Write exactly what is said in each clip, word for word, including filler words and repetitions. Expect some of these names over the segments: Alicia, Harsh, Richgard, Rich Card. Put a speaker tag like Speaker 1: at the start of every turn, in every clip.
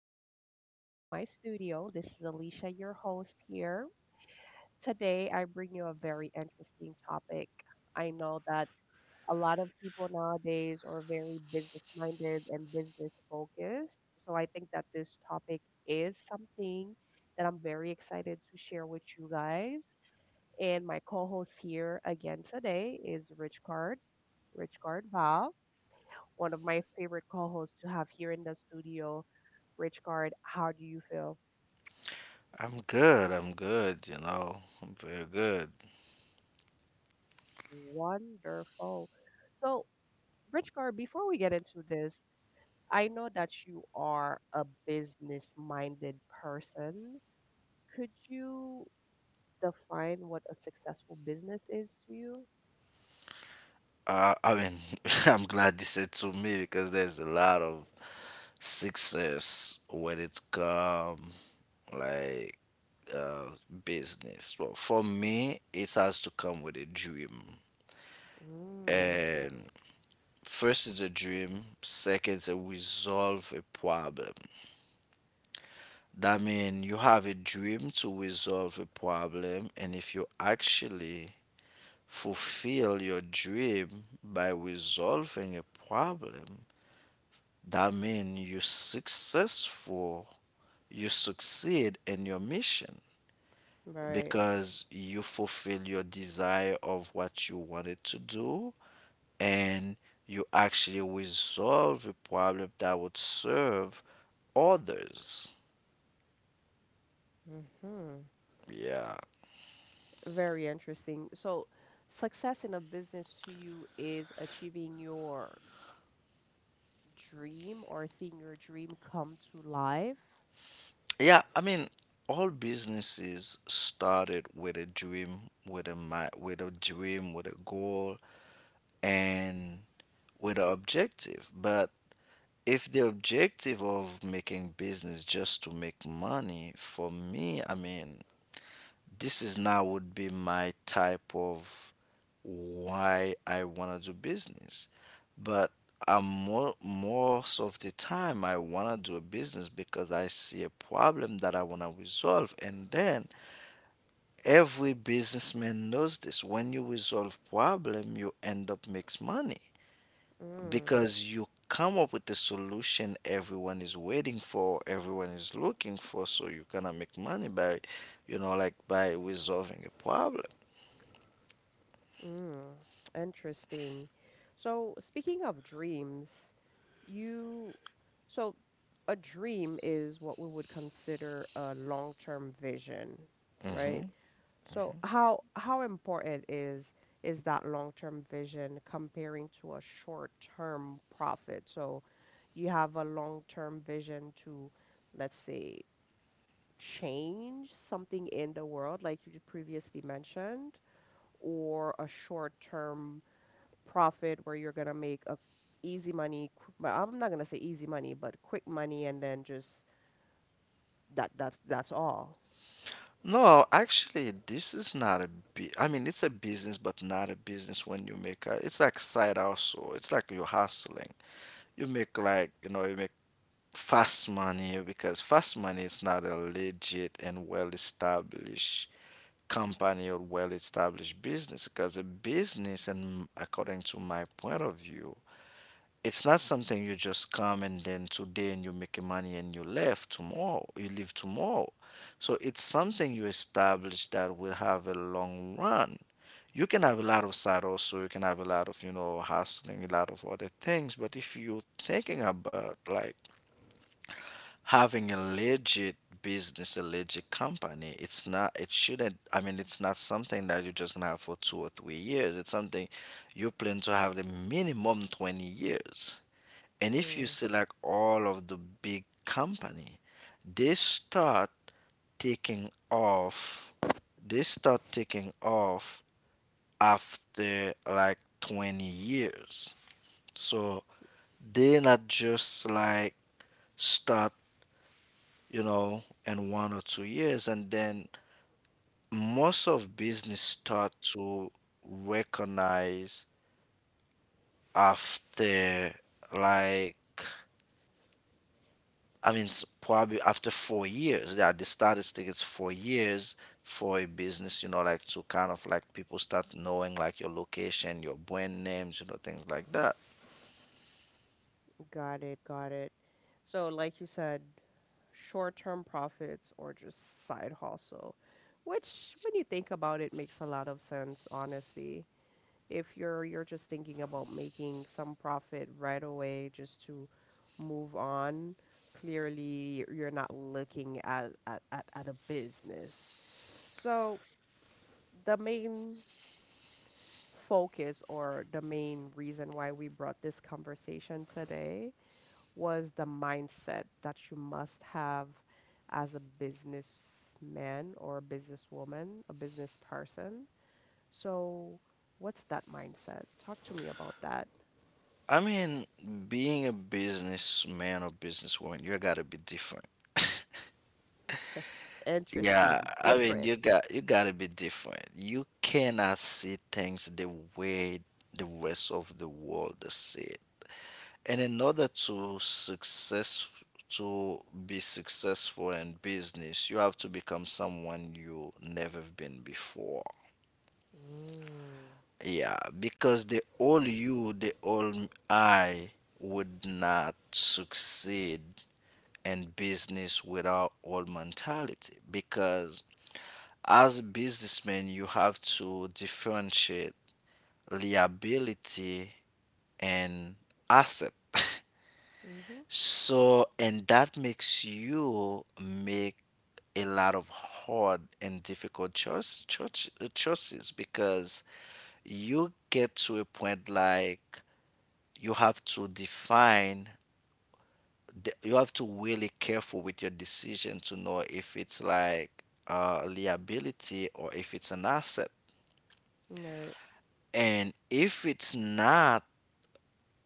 Speaker 1: Welcome back to my studio. This is Alicia, your host here. Today, I bring you a very interesting topic. I know that a lot of people nowadays are very business minded and business focused. So, I think that this topic is something that I'm very excited to share with you guys. And my co host here again today is Rich Card, Rich Card one of my favorite co-hosts to have here in the studio, Richcard. How do you feel?
Speaker 2: I'm good. I'm good. You know, I'm very good.
Speaker 1: Wonderful. So, Richcard, before we get into this, I know that you are a business-minded person. Could you define what a successful business is to you?
Speaker 2: Uh, I mean, I'm glad you said to me because there's a lot of success when it come like uh, business. Well, for me, it has to come with a dream.
Speaker 1: Mm,
Speaker 2: And first is a dream. Second is a resolve a problem. That means you have a dream to resolve a problem, and if you actually fulfill your dream by resolving a problem, that means you successful, you succeed in your mission
Speaker 1: right.
Speaker 2: because you fulfill your desire of what you wanted to do and you actually resolve a problem that would serve others.
Speaker 1: hmm
Speaker 2: Yeah.
Speaker 1: Very interesting. So, success in a business to you is achieving your dream or seeing your dream come to life.
Speaker 2: Yeah, I mean all businesses started with a dream, with a mi- with a dream, with a goal, and with an objective. But if the objective of making business just to make money, for me, I mean, this is now would be my type of why I want to do business. But I'm more, most of the time, I want to do a business because I see a problem that I want to resolve. And then every businessman knows this. When you resolve problem, you end up makes money,
Speaker 1: Mm,
Speaker 2: because you come up with the solution everyone is waiting for, everyone is looking for, so you gonna make money by, you know, like by resolving a problem.
Speaker 1: mm, interesting. So, speaking of dreams, you, so a dream is what we would consider a long-term vision, right?
Speaker 2: Hmm.
Speaker 1: So, how how important is is that long-term vision comparing to a short-term profit? So, you have a long-term vision to, let's say, change something in the world, like you previously mentioned, or a short-term profit where you're gonna make a easy money, qu- but I'm not gonna say easy money, but quick money, and then just that that's that's all.
Speaker 2: No, actually, this is not a bu- I mean, it's a business, but not a business when you make a, it's like side hustle. It's like you're hustling. You make like, you know, you make fast money, because fast money is not a legit and well-established company or well-established business. Because a business, and according to my point of view, it's not something you just come and then today and you make money and you left tomorrow you leave tomorrow. So it's something you establish that will have a long run. You can have a lot of side also, you can have a lot of, you know, hustling, a lot of other things, but if you're thinking about like having a legit business, a legit company, it's not, it shouldn't, I mean, it's not something that you're just gonna have for two or three years. It's something you plan to have the minimum twenty years. And if you
Speaker 1: Mm,
Speaker 2: see like all of the big company, they start taking off, they start taking off after like twenty years. So they not just like start, you know, in one or two years. And then most of business start to recognize after like, I mean s- probably after four years. Yeah, the statistic is four years for a business, you know, like to kind of like people start knowing like your location, your brand names, you know, things like that.
Speaker 1: got it, got it. So, like you said, short-term profits or just side hustle, which when you think about it makes a lot of sense, honestly. If you're you're just thinking about making some profit right away just to move on, clearly you're not looking at at, at, at a business. So the main focus or the main reason why we brought this conversation today was the mindset that you must have as a businessman or a businesswoman, a business person. So, what's that mindset? Talk to me about that.
Speaker 2: I mean, being a businessman or businesswoman, you gotta be different. Yeah,
Speaker 1: Interesting,
Speaker 2: I mean
Speaker 1: different.
Speaker 2: you got you gotta be different. You cannot see things the way the rest of the world see it. And in order to success to be successful in business, you have to become someone you never been before.
Speaker 1: Mm.
Speaker 2: Yeah, because the old you, the old I would not succeed in business without old mentality, because as a businessman, you have to differentiate liability and asset.
Speaker 1: Mhm.
Speaker 2: So, and that makes you make a lot of hard and difficult choice, choice, choices, because you get to a point like you have to define, the- you have to really careful with your decision to know if it's like uh, liability or if it's an asset.
Speaker 1: Right.
Speaker 2: And if it's not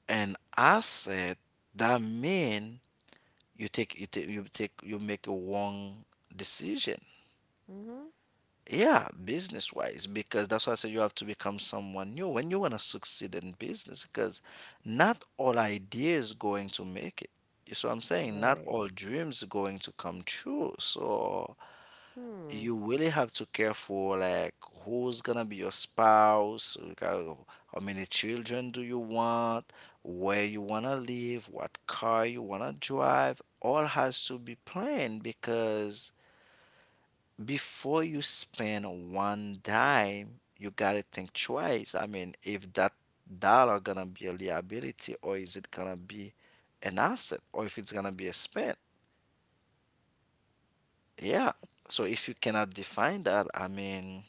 Speaker 2: an asset, that mean you take you take you take you make a wrong decision.
Speaker 1: Mhm.
Speaker 2: Yeah, business wise, because that's why I say you have to become someone new when you want to succeed in business. Because not all ideas going to make it. You see what I'm saying? Not
Speaker 1: Right.
Speaker 2: all dreams going to come true. So
Speaker 1: Hmm.
Speaker 2: you really have to care for like who's gonna be your spouse, like, how how many children do you want, where you wanna live, what car you wanna drive. All has to be planned, because before you spend one dime, you gotta think twice. I mean, if that dollar gonna be a liability or is it gonna be an asset or if it's gonna be a spend. Yeah. So if you cannot define that, I mean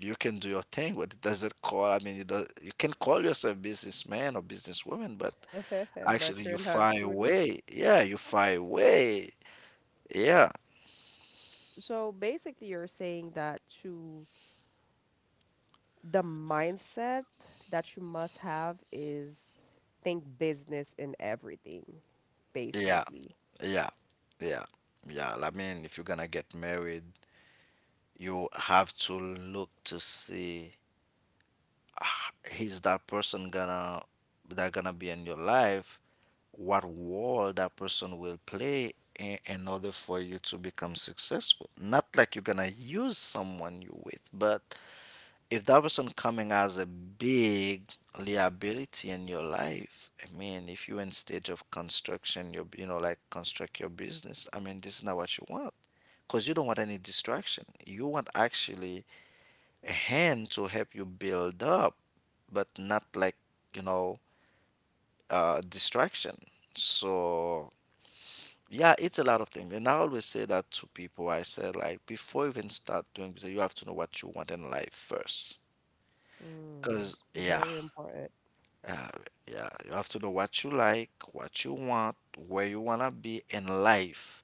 Speaker 2: you can do your thing, but it doesn't call. I mean, you do, you can call yourself businessman or businesswoman, but
Speaker 1: but
Speaker 2: actually
Speaker 1: you're
Speaker 2: you
Speaker 1: not
Speaker 2: far
Speaker 1: truly.
Speaker 2: away. Yeah, you far away. Yeah,
Speaker 1: So basically, you're saying that to the mindset that you must have is think business in everything,
Speaker 2: yeah,
Speaker 1: basically.
Speaker 2: yeah, yeah, yeah. I mean, if you're gonna get married, you have to look to see ah, is that person gonna that gonna be in your life? What role that person will play in, in order for you to become successful? Not like you're gonna use someone you with, but if that person coming as a big liability in your life, I mean, if you're in stage of construction, you you know like construct your business. I mean, this is not what you want, because you don't want any distraction. You want actually a hand to help you build up, but not like, you know, uh, distraction. So yeah, it's a lot of things, and I always say that to people. I said like before you even start doing business, you have to know what you want in life first.
Speaker 1: Mm.
Speaker 2: Cause yeah.
Speaker 1: Very important.
Speaker 2: Uh, yeah, you have to know what you like, what you want, where you wanna be in life.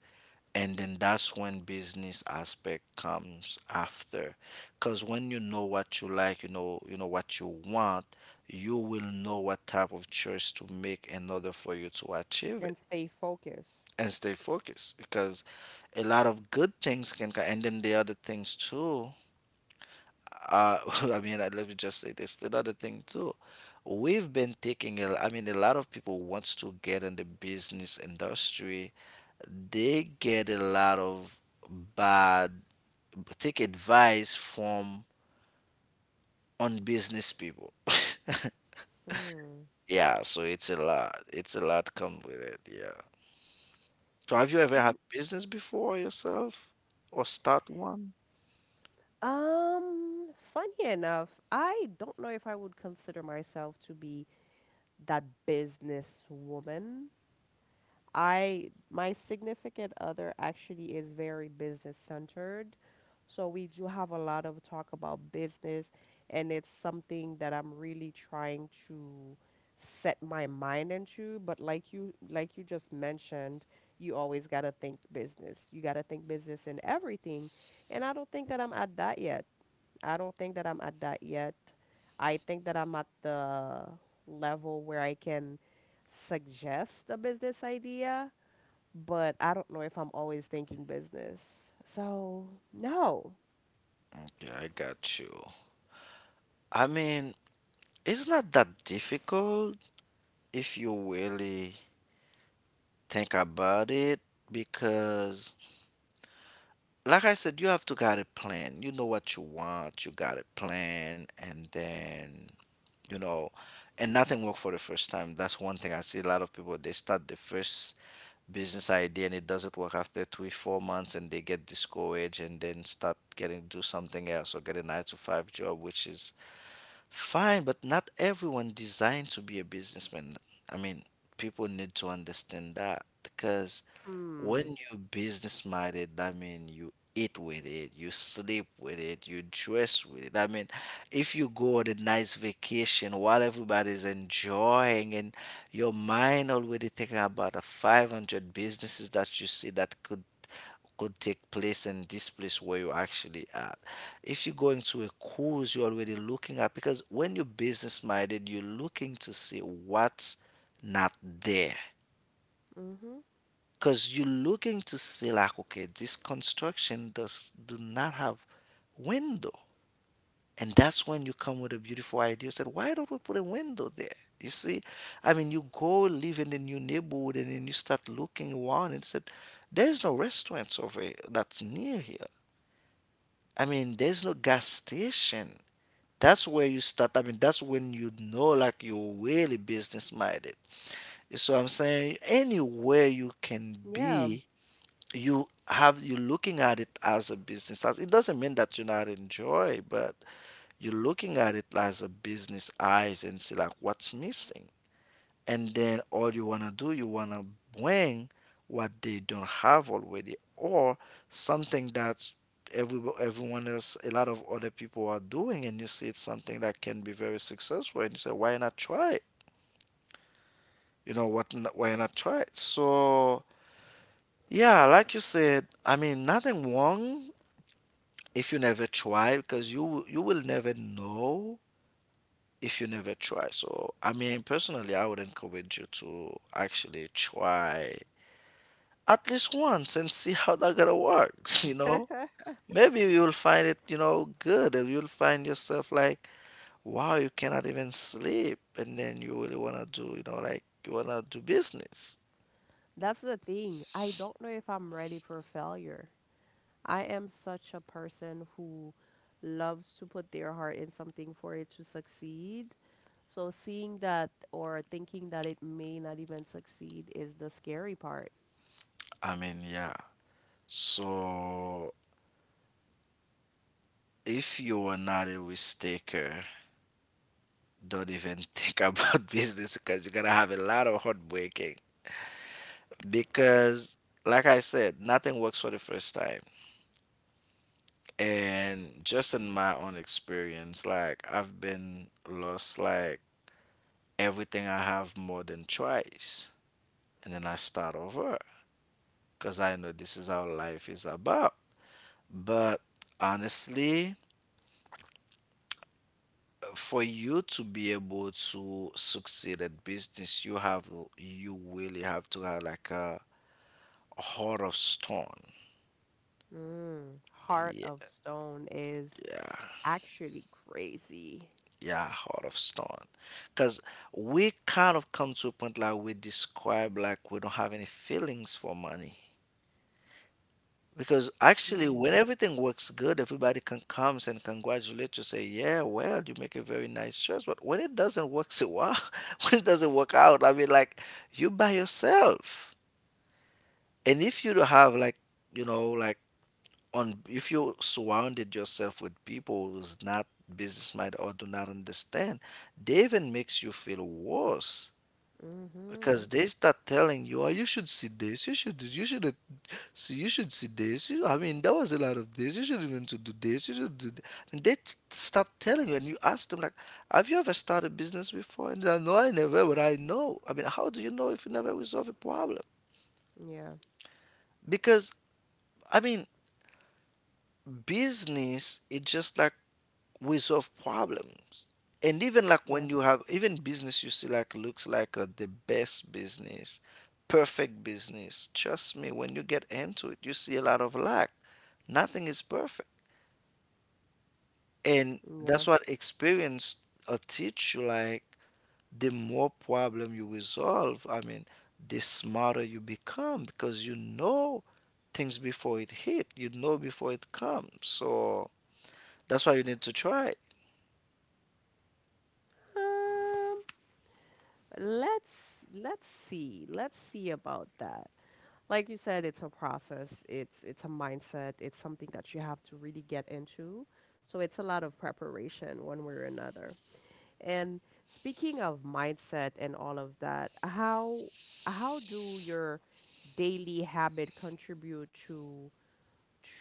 Speaker 2: And then that's when business aspect comes after. Cause when you know what you like, you know you know what you want, you will know what type of choice to make in order for you to achieve it
Speaker 1: And stay focused.
Speaker 2: and stay focused. Because a lot of good things can come, and then the other things too. uh, I mean, uh, let me just say this. Another thing too, we've been taking a, I mean, a lot of people wants to get in the business industry. They get a lot of bad, take advice from on business people.
Speaker 1: Hmm.
Speaker 2: Yeah, so it's a lot. It's a lot come with it. Yeah. So have you ever had
Speaker 1: And
Speaker 2: business before yourself or start one?
Speaker 1: um, funny enough, I don't know if I would consider myself to be that businesswoman. I my significant other actually is very business centered. So we do have a lot of talk about business and it's something that I'm really trying to set my mind into, but like you like you just mentioned, you always got to think business. You got to think business in everything. And I don't think that I'm at that yet. I don't think that I'm at that yet. I think that I'm at the level where I can suggest a business idea, but I don't know if I'm always thinking business. So, no.
Speaker 2: Okay, I got you. I mean, it's not that difficult if you really think about it. Because, like I said, you have to got a plan. You know what you want, you got a plan, and then, you know, and nothing work for the first time. That's one thing I see a lot of people, they start the first business idea and it doesn't work after three, four months and they get discouraged and then start getting do something else or get a nine to five job, which is fine, but not everyone designed to be a businessman. I mean, people need to understand that, because when
Speaker 1: Hmm.
Speaker 2: you're business minded, that mean you eat with it, you sleep with it, you dress with it. I mean, if you go on a nice vacation while everybody's enjoying, and your mind already thinking about the five hundred businesses that you see that could could take place in this place where you actually at. If you're going to a cruise, you're already looking at, because when you're business minded, you're looking to see what's not there,
Speaker 1: Mm-hmm.
Speaker 2: because you're looking to see like, okay, this construction does do not have window, and that's when you come with a beautiful idea said why don't we put a window there, you see. I mean you go live in a new neighborhood and then you start looking around and said there's no restaurants over here that's near here. I mean, there's no gas station. That's where you start. I mean, that's when you know like you're really business minded. You see what I'm saying? Anywhere you can
Speaker 1: Yeah,
Speaker 2: be, you have you're looking at it as a business, as it doesn't mean that you are not enjoy, but you're looking at it as a business eyes and see like what's missing. And then all you want to do, you want to bring what they don't have already, or something that every, everyone else, a lot of other people are doing, and you see it's something that can be very successful, and you say why not try it? You know what n- why not try it? So yeah, like you said, I mean, nothing wrong if you never try, because you you will never know if you never try. So I mean, personally, I would encourage you to actually try at least once and see how that gonna works. You know, maybe you'll find it, you know, good, and you'll find yourself like, wow, you cannot even sleep, and then you really want to do, you know, like you want to do business.
Speaker 1: that's the thing. I don't know if I'm ready for failure. I am such a person who loves to put their heart in something for it to succeed. So seeing that or thinking that it may not even succeed is the scary part.
Speaker 2: I mean, yeah. So if you are not a risk taker, don't even think about business, because you're gonna have a lot of heartbreaking. Because, like I said, nothing works for the first time. And just in my own experience, like I've been lost like everything I have more than twice, and then I start over because I know this is how life is about. But honestly, for you to be able to succeed at business, you have you really have to have like a heart of stone.
Speaker 1: Mm, Heart of
Speaker 2: Yeah,
Speaker 1: Stone is
Speaker 2: yeah,
Speaker 1: actually crazy.
Speaker 2: yeah, heart of stone. Because we kind of come to a point like we describe like we don't have any feelings for money. Because actually,
Speaker 1: Mm,
Speaker 2: when everything works good, everybody can come and congratulate you, say, "Yeah, well, you make a very nice choice." But when it doesn't work so well, when it doesn't work out, I mean, like you by yourself, and if you don't have like, you know, like on if you surrounded yourself with people who's not business minded or do not understand, they even makes you feel worse because
Speaker 1: mm-hmm.
Speaker 2: they start telling you, "Oh, you should see this, you should, do- you should see, you should see this." You, I mean, there was a lot of this. You should even to do this. You should do. Th-. And they t- stop telling you, and you ask them like, "Have you ever started business before?" And they're like, "No, I never." But I know. I mean, how do you know if you never resolve a problem?
Speaker 1: Yeah,
Speaker 2: Because I mean, business it's just like we solve problems, and even like when
Speaker 1: yeah,
Speaker 2: you have even business you see like looks like uh, the best business, perfect business. Trust me, when you get into it you see a lot of lack. Nothing is perfect, and
Speaker 1: yeah.
Speaker 2: that's what experience uh, teach you, like the more problem you resolve, I mean, the smarter you become because you know things before it hit, you know, before it comes. So that's why you need to try.
Speaker 1: Um, let's let's see. Let's see about that. Like you said, it's a process. It's it's a mindset. It's something that you have to really get into. So it's a lot of preparation one way or another. And speaking of mindset and all of that, how how do your daily habit contribute to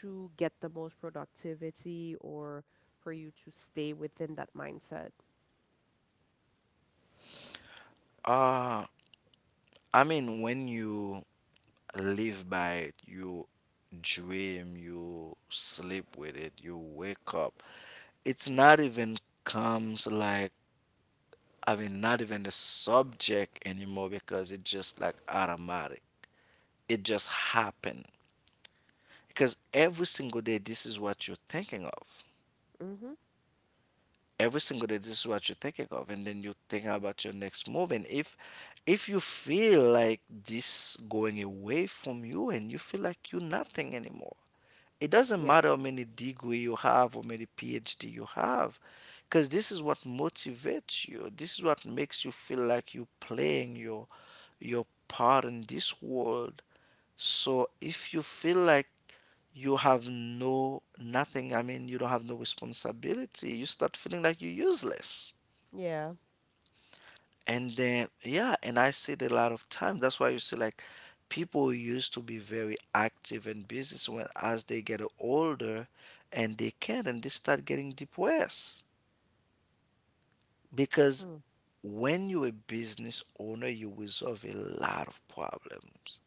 Speaker 1: to get the most productivity or for you to stay within that mindset?
Speaker 2: uh I mean, when you live by it. You dream, you sleep with it, you wake up. It's not even comes like, I mean, not even a subject anymore because it's just like automatic. It just happened. Because every single day this is what you're thinking of.
Speaker 1: hmm
Speaker 2: Every single day this is what you're thinking of, and then you think about your next move, and if if you feel like this going away from you and you feel like you're nothing anymore, it doesn't
Speaker 1: Yeah.
Speaker 2: matter how many degree you have or many P H D you have, because this is what motivates you. This is what makes you feel like you're playing your your part in this world. So if you feel like you have no nothing, I mean, you don't have no responsibility, you start feeling like you're useless.
Speaker 1: Yeah.
Speaker 2: And then, yeah, and I see it a lot of times. That's why you see like people used to be very active in business when as they get older, and they can and they start getting depressed. Because when you're a business owner, you resolve a lot of problems.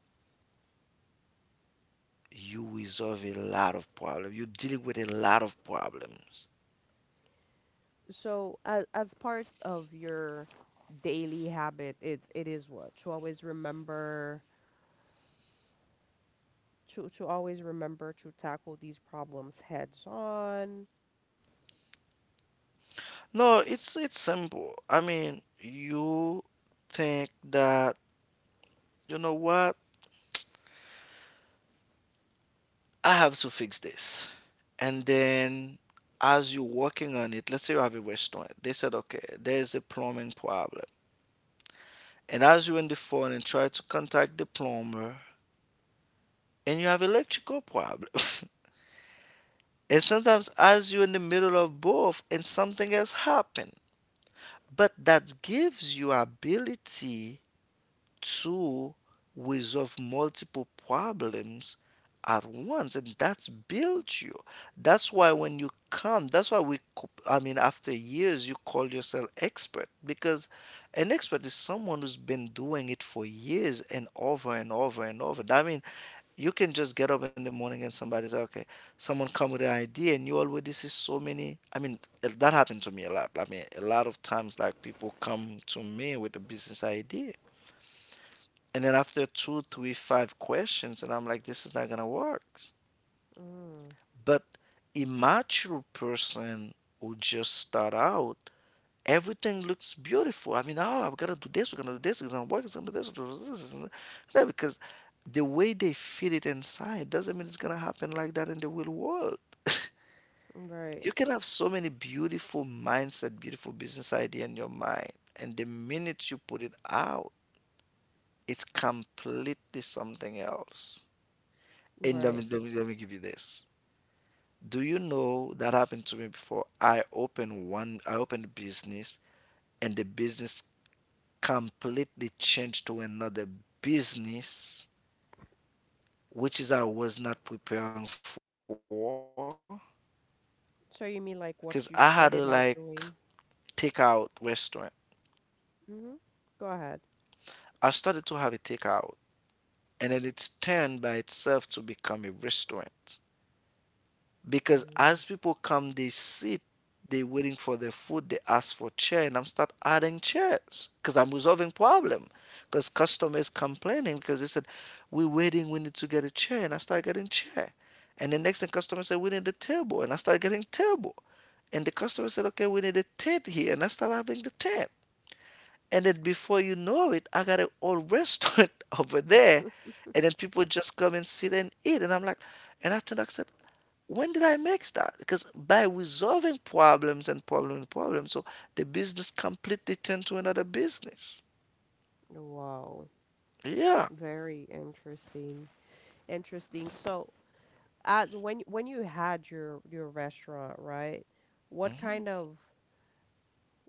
Speaker 2: You resolve a lot of problems. You're dealing with a lot of problems.
Speaker 1: So, as as part of your daily habit, it's it is what to always remember to to always remember to tackle these problems heads on.
Speaker 2: No, it's it's simple. I mean, you think that, you know what? I have to fix this. And then as you're working on it, let's say you have a restaurant, they said, okay, there's a plumbing problem. And as you're on the phone and try to contact the plumber, and you have electrical problem. And sometimes as you're in the middle of both and something else happen. But that gives you ability to resolve multiple problems at once, and that's built you. That's why when you come, that's why we co- I mean after years you call yourself expert. Because an expert is someone who's been doing it for years and over and over and over. I mean, you can just get up in the morning and somebody say, okay, someone come with an idea and you already see so many. I mean that happened to me a lot. I mean, a lot of times, like people come to me with a business idea, and then after two, three, five questions, and I'm like, this is not gonna work.
Speaker 1: Mm,
Speaker 2: But immature person who just start out, everything looks beautiful. I mean, oh, I've gotta do this, we're gonna do this, it's gonna work, it's gonna do this, it's gonna do this, it's gonna do that, because the way they feel it inside doesn't mean it's gonna happen like that in the real world.
Speaker 1: right,
Speaker 2: You can have so many beautiful mindset, beautiful business idea in your mind, and the minute you put it out, it's completely something else. And let
Speaker 1: right.
Speaker 2: me, let me let me give you this. Do you know that happened to me before? I opened one, I opened a business, and the business completely changed to another business, which is I was not preparing for,
Speaker 1: So you mean like
Speaker 2: because
Speaker 1: what
Speaker 2: I
Speaker 1: you
Speaker 2: had a
Speaker 1: started out
Speaker 2: like
Speaker 1: doing?
Speaker 2: takeout restaurant.
Speaker 1: Mm-hmm. Go ahead.
Speaker 2: I started to have a takeout, and then it's turned by itself to become a restaurant. Because as
Speaker 1: Mm,
Speaker 2: people come they sit, they're waiting for their food, they ask for chair, and I'm start adding chairs because I'm resolving problem. Because customers complaining, because they said we're waiting, we need to get a chair, and I start getting chair. And the next thing customer said, we need a table, and I start getting table. And the customer said, okay, we need a tent here, and I start having the tent. And then before you know it, I got an old restaurant over there. And then people just come and sit and eat, and I'm like, and after that, back said, when did I mix that? Because by resolving problems and problem and problem, so the business completely turned to another business.
Speaker 1: wow,
Speaker 2: Yeah.
Speaker 1: very interesting. Interesting. So, as when when you had your your restaurant, right? What
Speaker 2: Mhm.
Speaker 1: kind of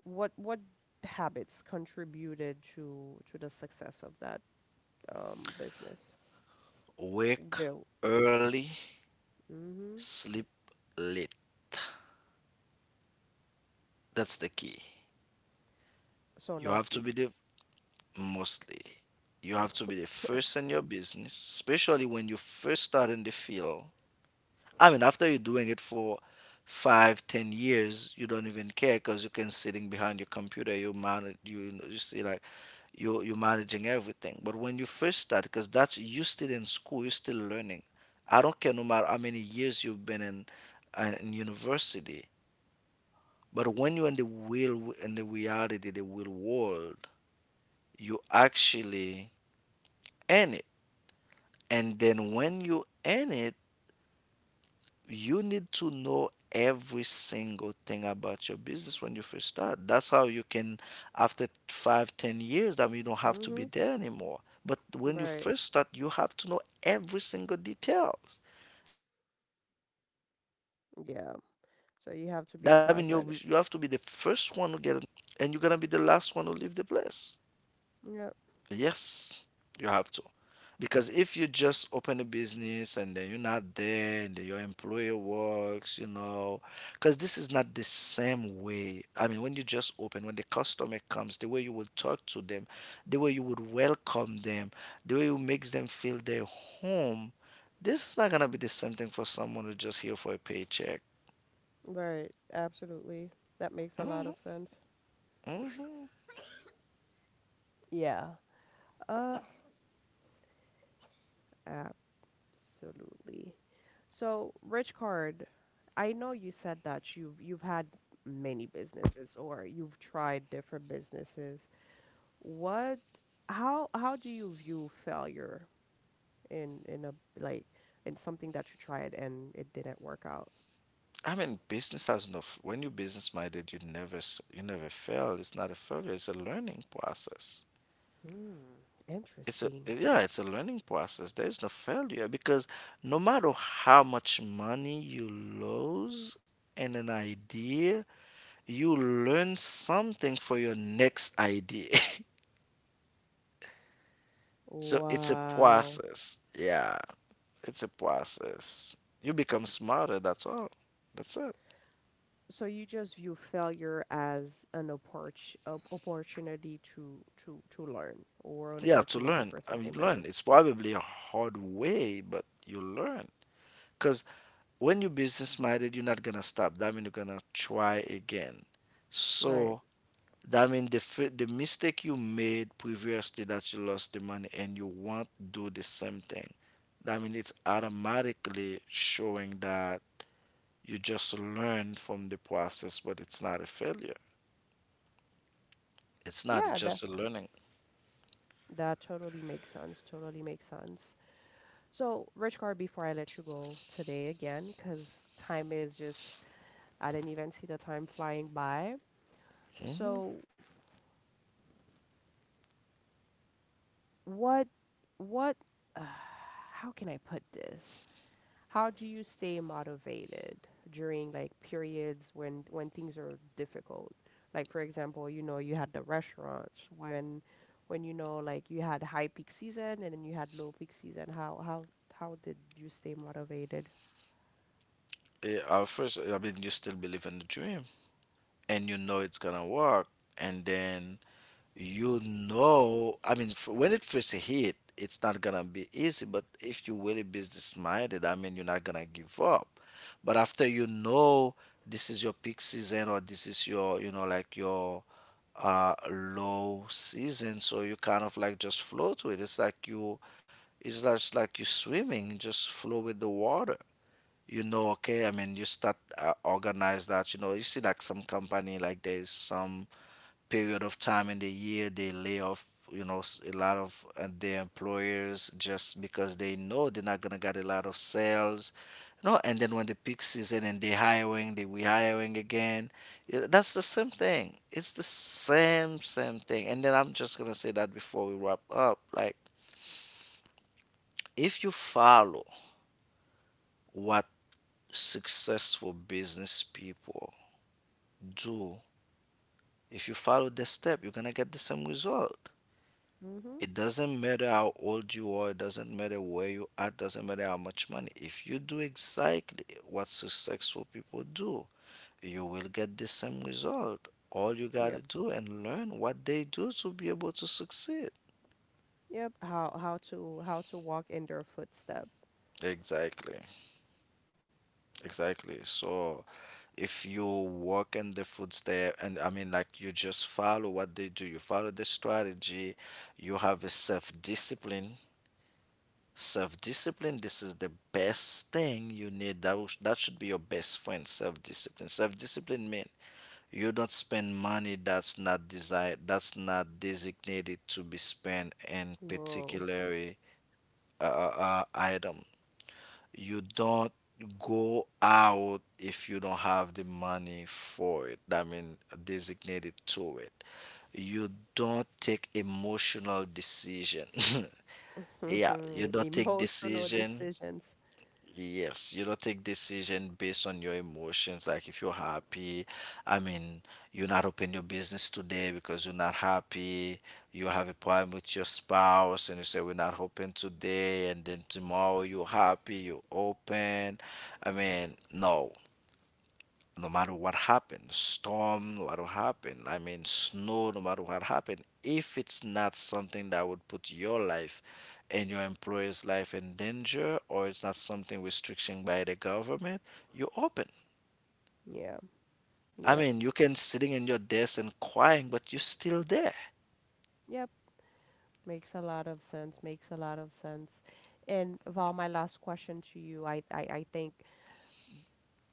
Speaker 1: What what habits contributed to to the success of that um business?
Speaker 2: Work
Speaker 1: Do.
Speaker 2: early,
Speaker 1: Mm-hmm.
Speaker 2: sleep late. That's the key.
Speaker 1: So
Speaker 2: You
Speaker 1: no
Speaker 2: have to
Speaker 1: sleep.
Speaker 2: be the mostly. You have to be the first in your business, especially when you first start in the field. I mean, after you're doing it for five, ten years, you don't even care because you can sitting behind your computer, you man, you you see like you're you're managing everything. But when you first start, because that's you still in school, you're still learning. I don't care no matter how many years you've been in uh, in university, but when you're in the real in the reality, the real world, you actually in it. And then when you in it, you need to know every single thing about your business when you first start. That's how you can, after five, ten years, I mean, you don't have to be
Speaker 1: Mm-hmm.
Speaker 2: there anymore. But when you
Speaker 1: Right.
Speaker 2: first start, you have to know every single details. That means you you have to be the first one to get it,
Speaker 1: Yeah. So you have to be
Speaker 2: and you're gonna
Speaker 1: present.
Speaker 2: be the last one to leave the place. Yes,
Speaker 1: Yep.
Speaker 2: you have because if you just open a business and then you're not there and then your employer works, you know, because this is not the same way. I mean, when you just open, when the customer comes, the way you will talk to them, the way you would welcome them, the way you makes them feel their home, this is not gonna be the same thing for someone who's just here for a paycheck.
Speaker 1: Right. Absolutely. That makes a lot
Speaker 2: Hmm.
Speaker 1: of sense.
Speaker 2: Hmm.
Speaker 1: Yeah. Uh, absolutely. So, Rich Card, I know you said that you've you've had many businesses or you've tried different businesses. What how how do you view failure in in a like in something that you tried and it didn't work out?
Speaker 2: I mean, business has no. f- When you're business minded, you never s- you never fail. It's not a failure. It's a learning process.
Speaker 1: Hmm,
Speaker 2: It's a
Speaker 1: interesting.
Speaker 2: yeah it's a learning process. There is no failure because no matter how much money you lose in an idea, you learn something for your next idea. So it's a
Speaker 1: Wow.
Speaker 2: process. Yeah, it's a process, you become smarter, that's all, that's it.
Speaker 1: So you just view failure as an opport op- opportunity to to to learn or an
Speaker 2: Yeah, to
Speaker 1: opportunity
Speaker 2: learn,
Speaker 1: for
Speaker 2: I mean
Speaker 1: something
Speaker 2: learn,
Speaker 1: better.
Speaker 2: it's probably a hard way, but you learn. Because when you're business minded, you're not gonna stop, that means you're gonna try again.
Speaker 1: Right.
Speaker 2: So that means the fi- the mistake you made previously that you lost the money and you won't do the same thing. That means it's automatically showing that you just learn from the process, but it's not a failure. It's not. It's
Speaker 1: Yeah, that
Speaker 2: just a learning.
Speaker 1: that totally makes sense. Totally makes sense. So, Rich Card, before I let you go today again, because time is just I didn't even see the time flying by. So what what uh, how can I put this? How do you stay motivated during like periods when when things are difficult? Like for example, you know, you had the restaurants when when you know like you had high peak season and then you had low peak season. How how how did you stay motivated?
Speaker 2: Eh, At first, I mean, you still believe in the dream and you know it's gonna work, and then you know, I mean, f- when it first hit, it's not gonna be easy, but if you're really business minded, I mean, you're not gonna give up. But after you know this is your peak season or this is your, you know, like your uh low season, so you kind of like just float with it. It's like you, it's just like you swimming, just flow with the water. You know, okay, I mean, you start uh, organize that, you know, you see like some company, like there's some period of time in the year they lay off, you know, s- a lot of uh, their employers just because they know they're not gonna get a lot of sales. No, and then when the peak season and they hiring, they rehiring again. Yeah, that's the same thing, it's the same same thing. And then I'm just gonna say that before we wrap up, like, if you follow what successful business people do, if you follow the step, you're gonna get the same result.
Speaker 1: hmm
Speaker 2: It doesn't matter how old you are, it doesn't matter where you are, it doesn't matter how much money. If you do exactly what successful people do, you will get the same result. All you gotta
Speaker 1: Yep.
Speaker 2: do and learn what they do to be able to succeed.
Speaker 1: Yep. How how to how to walk in their footstep.
Speaker 2: Exactly, exactly. So if you work in the footstep, and I mean, like, you just follow what they do, you follow the strategy, you have a self discipline self-discipline. This is the best thing, you need that, was- that should be your best friend. Self-discipline self-discipline means you don't spend money that's not desired, that's not designated to be spent in
Speaker 1: Whoa.
Speaker 2: particular uh, uh, uh, item. You don't go out if you don't have the money for it, I mean, designated to it. You don't take emotional decision.
Speaker 1: Mhm.
Speaker 2: Yeah, you don't take
Speaker 1: Emotional
Speaker 2: decision
Speaker 1: decisions.
Speaker 2: yes, you don't take decision based on your emotions. Like if you're happy, I mean, you not open your business today because you're not happy. You have a problem with your spouse, and you say we're not open today, and then tomorrow you're happy, you open. I mean, no, no matter what happens, storm, no matter what happen, I mean, snow, no matter what happen, if it's not something that would put your life and your employer's life in danger, or it's not something restriction by the government, you're open.
Speaker 1: Yeah,
Speaker 2: I
Speaker 1: yep,
Speaker 2: mean, you can sitting in your desk and crying, but you're still there.
Speaker 1: yep. Makes a lot of sense. Makes a lot of sense. And Val, my last question to you, I, I, I think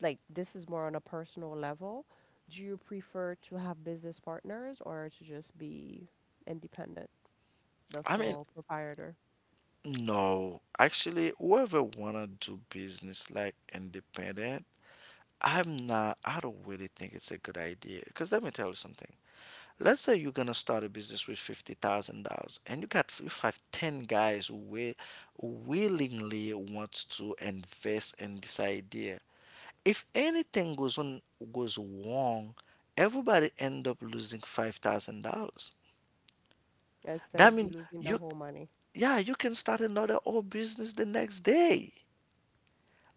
Speaker 1: like this is more on a personal level. Do you prefer to have business partners or to just be independent, the
Speaker 2: I mean,
Speaker 1: sole proprietor,
Speaker 2: no, actually, whoever wanna do business like independent, I'm not. I don't really think it's a good idea. Cause let me tell you something. Let's say you're gonna start a business with fifty thousand dollars, and you got you have ten guys who will, willingly wants to invest in this idea. If anything goes on goes wrong, everybody end up losing five thousand dollars.
Speaker 1: instead
Speaker 2: That
Speaker 1: of you
Speaker 2: mean
Speaker 1: losing the
Speaker 2: you,
Speaker 1: whole money?
Speaker 2: yeah, you can start another old business the next day.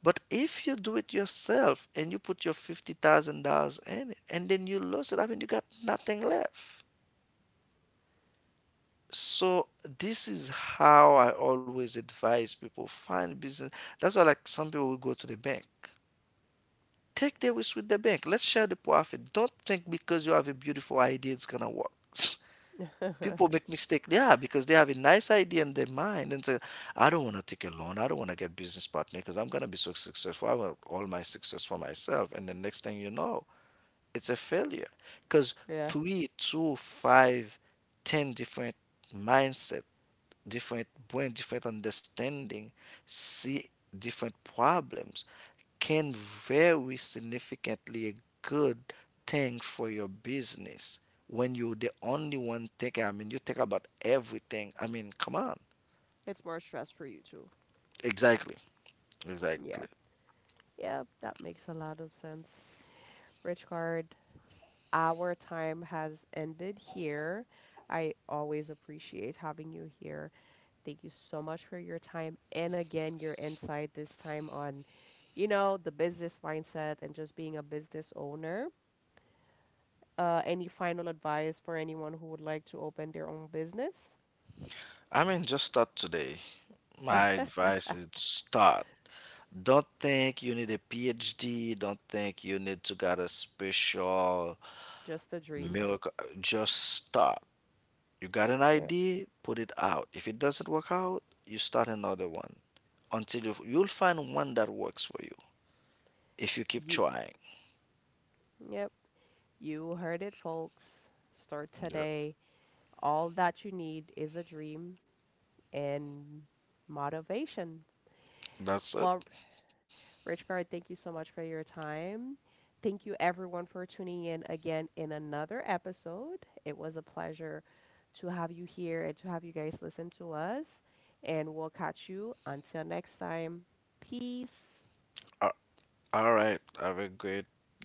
Speaker 2: But if you do it yourself and you put your fifty thousand dollars in it, and then you lose it, I mean you got nothing left. So this is how I always advise people find business. That's why like some people will go to the bank. Take the risk with the bank. Let's share the profit. Don't think because you have a beautiful idea it's gonna work. People make mistake, yeah, because they have a nice idea in their mind and say, I don't want to take a loan. I don't want to get business partner because I'm gonna be so successful. I want all my success for myself. And the next thing you know, it's a failure. Because
Speaker 1: Yeah,
Speaker 2: three, two, five, ten different mindsets, different brain, different understanding, see different problems, can very significantly a good thing for your business when you're the only one thinking. I mean, you think about everything. I mean, come on.
Speaker 1: it's more stress for you too.
Speaker 2: Exactly. Exactly.
Speaker 1: Yeah, yeah, that makes a lot of sense. Richard, our time has ended here. I always appreciate having you here. Thank you so much for your time and again your insight this time on, you know, the business mindset and just being a business owner. Uh, any final advice for anyone who would like to open their own business?
Speaker 2: I mean, just start today. My advice is start. Don't think you need a P h D. Don't think you need to get a special
Speaker 1: Just a dream.
Speaker 2: miracle. Just start. You got an
Speaker 1: Yeah.
Speaker 2: idea, put it out. If it doesn't work out, you start another one until you, you'll find one that works for you if you keep
Speaker 1: You,
Speaker 2: trying.
Speaker 1: yep, you heard it, folks. Start
Speaker 2: Yeah,
Speaker 1: today. All that you need is a dream and motivation.
Speaker 2: that's it.
Speaker 1: Well, Richgard, thank you so much for your time. Thank you, everyone, for tuning in again in another episode. It was a pleasure to have you here and to have you guys listen to us. And we'll catch you until next time. Peace.
Speaker 2: Uh, all right. Have a great day.